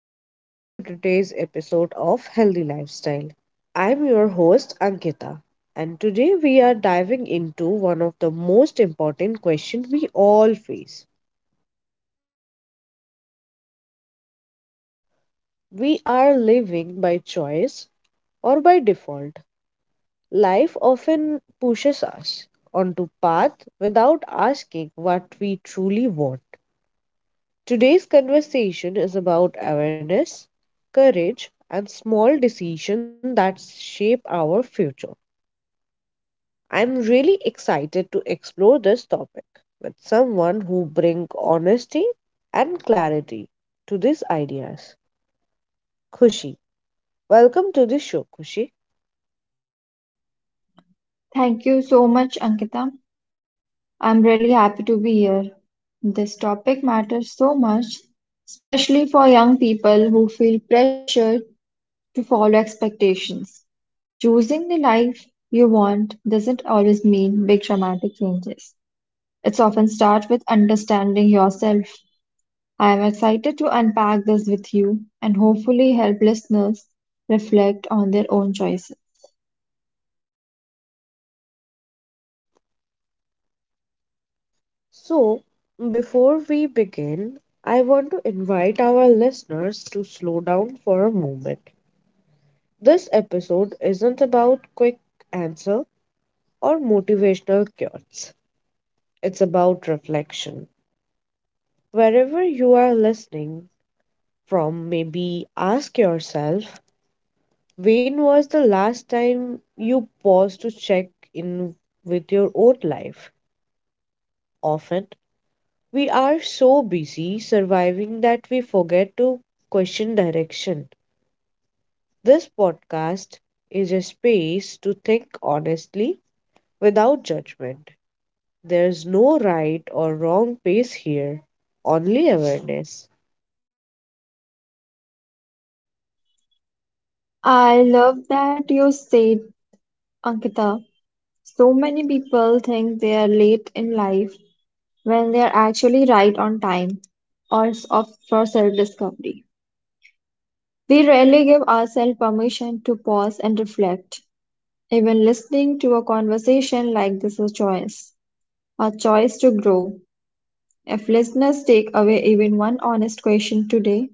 everyone to today's episode of Healthy Lifestyle. I'm your host Ankita, and today we are diving into one of the most important questions we all face. We are living by choice or by default. Life often pushes us onto path without asking what we truly want. Today's conversation is about awareness, courage and small decisions that shape our future. I'm really excited to explore this topic with someone who bring honesty and clarity to these ideas. Kushi, welcome to the show, Kushi. Thank you so much, Ankita. I'm really happy to be here. This topic matters so much, especially for young people who feel pressured to follow expectations. Choosing the life you want doesn't always mean big dramatic changes. It's often starts with understanding yourself. I am excited to unpack this with you and hopefully help listeners reflect on their own choices. So, before we begin, I want to invite our listeners to slow down for a moment. This episode isn't about quick answer or motivational cures. It's about reflection. Wherever you are listening from, maybe ask yourself, when was the last time you paused to check in with your own life? Often, we are so busy surviving that we forget to question direction. This podcast is a space to think honestly without judgment. There's no right or wrong pace here, only awareness. I love that you said, Ankita, so many people think they are late in life when they are actually right on time for self discovery. We rarely give ourselves permission to pause and reflect. Even listening to a conversation like this is a choice to grow. If listeners take away even one honest question today,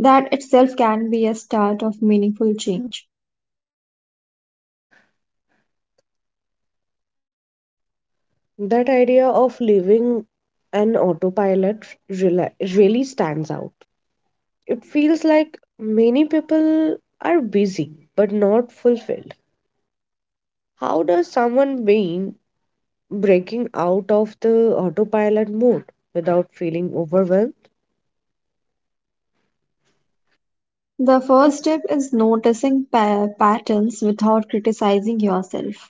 that itself can be a start of meaningful change. That idea of living an autopilot rela- really stands out. It feels like many people are busy but not fulfilled. How does someone being breaking out of the autopilot mode without feeling overwhelmed? The first step is noticing patterns without criticizing yourself.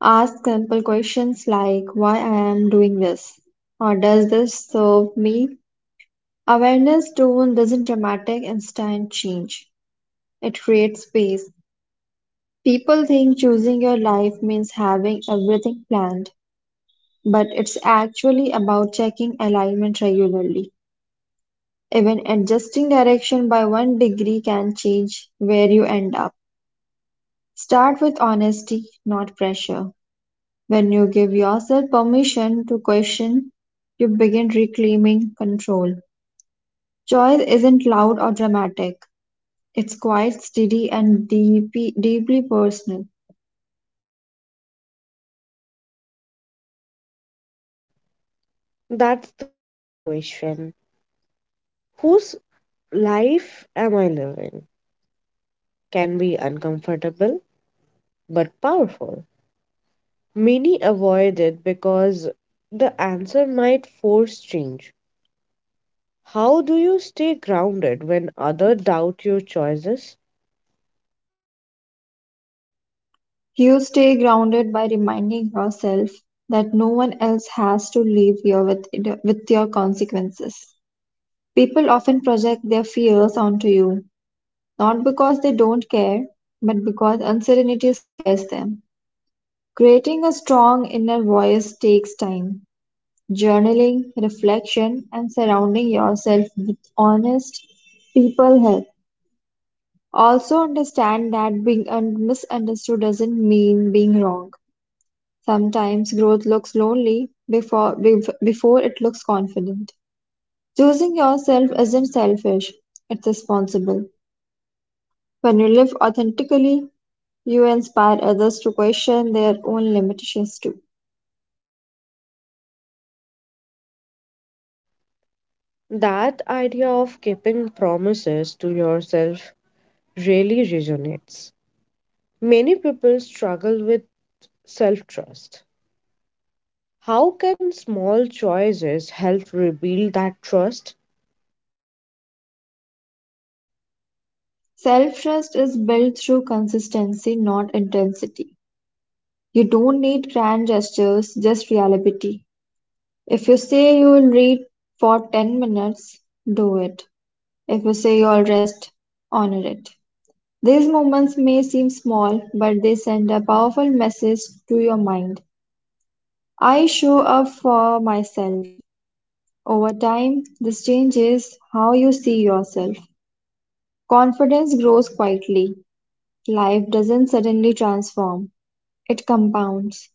Ask simple questions like why I am doing this or does this serve me? Awareness tone doesn't dramatic instant change. It creates space. People think choosing your life means having everything planned, but it's actually about checking alignment regularly. Even adjusting direction by one degree can change where you end up. Start with honesty, not pressure. When you give yourself permission to question, you begin reclaiming control. Joy isn't loud or dramatic, it's quite steady and deep, deeply personal. That's the question. Whose life am I living? Can be uncomfortable but powerful. Many avoid it because the answer might force change. How do you stay grounded when others doubt your choices? You stay grounded by reminding yourself that no one else has to live with your consequences. People often project their fears onto you, not because they don't care, but because uncertainty scares them. Creating a strong inner voice takes time. Journaling, reflection, and surrounding yourself with honest people help. Also, understand that being misunderstood doesn't mean being wrong. Sometimes growth looks lonely before it looks confident. Choosing yourself isn't selfish, it's responsible. When you live authentically, you inspire others to question their own limitations too. That idea of keeping promises to yourself really resonates. Many people struggle with self trust. How can small choices help rebuild that trust? Self trust is built through consistency, not intensity. You don't need grand gestures, just reliability. If you say you will read for 10 minutes, do it. If you say you'll rest, honor it. These moments may seem small, but they send a powerful message to your mind. I show up for myself. Over time, this changes how you see yourself. Confidence grows quietly. Life doesn't suddenly transform, it compounds.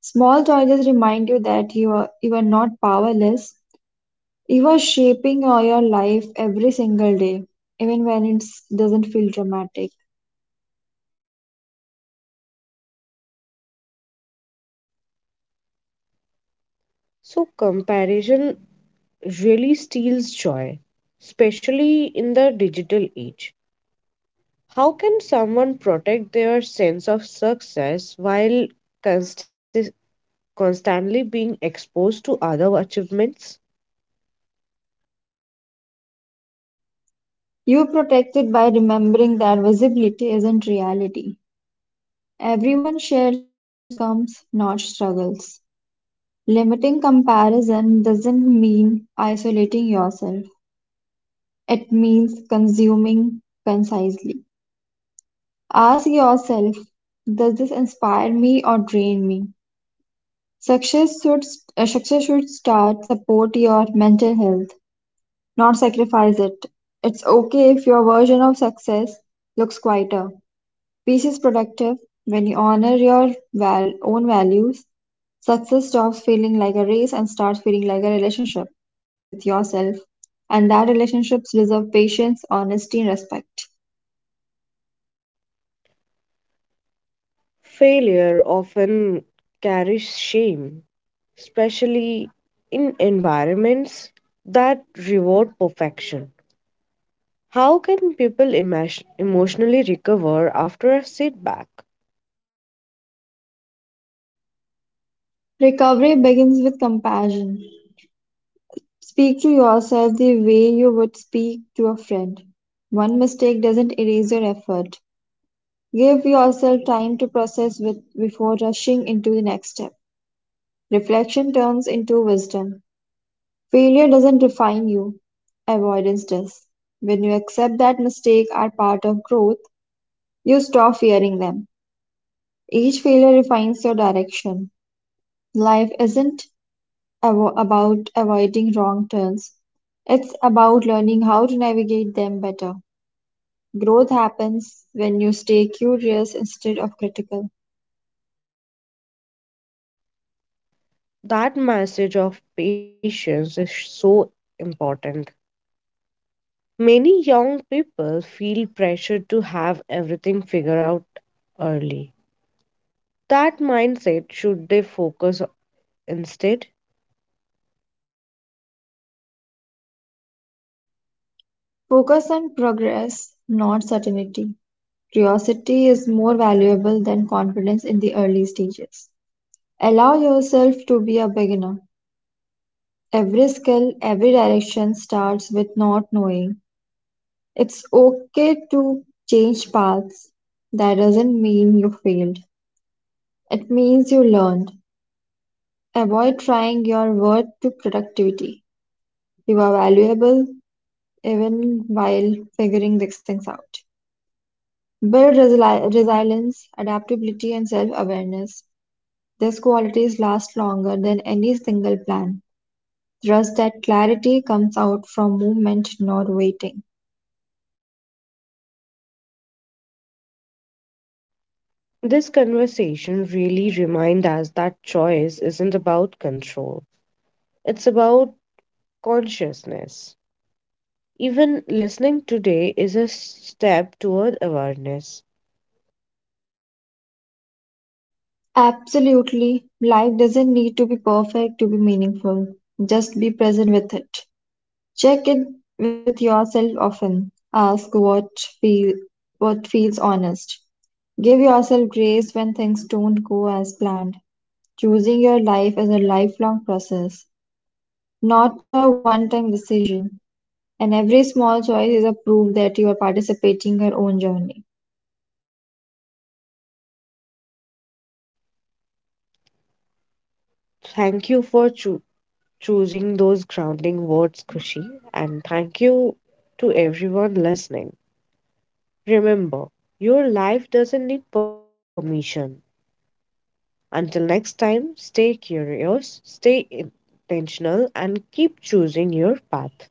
Small choices remind you that you are not powerless. You are shaping all your life every single day, even when it doesn't feel dramatic. So, comparison really steals joy, especially in the digital age. How can someone protect their sense of success while consti- constantly being exposed to other achievements? You protect it by remembering that visibility isn't reality. Everyone shares outcomes, not struggles. Limiting comparison doesn't mean isolating yourself, it means consuming concisely. Ask yourself, does this inspire me or drain me? Success should success should start support your mental health, not sacrifice it. It's okay if your version of success looks quieter. Peace is productive when you honor your own values. Success stops feeling like a race and starts feeling like a relationship with yourself, and that relationships deserve patience, honesty, and respect. Failure often carries shame, especially in environments that reward perfection. How can people emotionally recover after a setback? Recovery begins with compassion. Speak to yourself the way you would speak to a friend. One mistake doesn't erase your effort. Give yourself time to before rushing into the next step. Reflection turns into wisdom. Failure doesn't define you, avoidance does. When you accept that mistakes are part of growth, you stop fearing them. Each failure refines your direction. Life isn't about avoiding wrong turns, it's about learning how to navigate them better. Growth happens when you stay curious instead of critical. That message of patience is so important. Many young people feel pressured to have everything figured out early. That mindset should they focus instead. Focus on progress, not certainty. Curiosity is more valuable than confidence in the early stages. Allow yourself to be a beginner. Every skill, every direction starts with not knowing. It's okay to change paths. That doesn't mean you failed. It means you learned. Avoid trying your worth to productivity. You are valuable even while figuring these things out. Build resilience, adaptability, and self awareness. These qualities last longer than any single plan. Trust that clarity comes out from movement, not waiting. This conversation really reminds us that choice isn't about control, it's about consciousness. Even listening today is a step toward awareness. Absolutely, life doesn't need to be perfect to be meaningful. Just be present with it. Check in with yourself often. Ask feel what feels honest. Give yourself grace when things don't go as planned. Choosing your life is a lifelong process, not a one time decision, and every small choice is a proof that you are participating in your own journey. Thank you for choosing those grounding words, Kushi, and thank you to everyone listening. Remember, your life doesn't need permission. Until next time, stay curious, stay intentional, and keep choosing your path.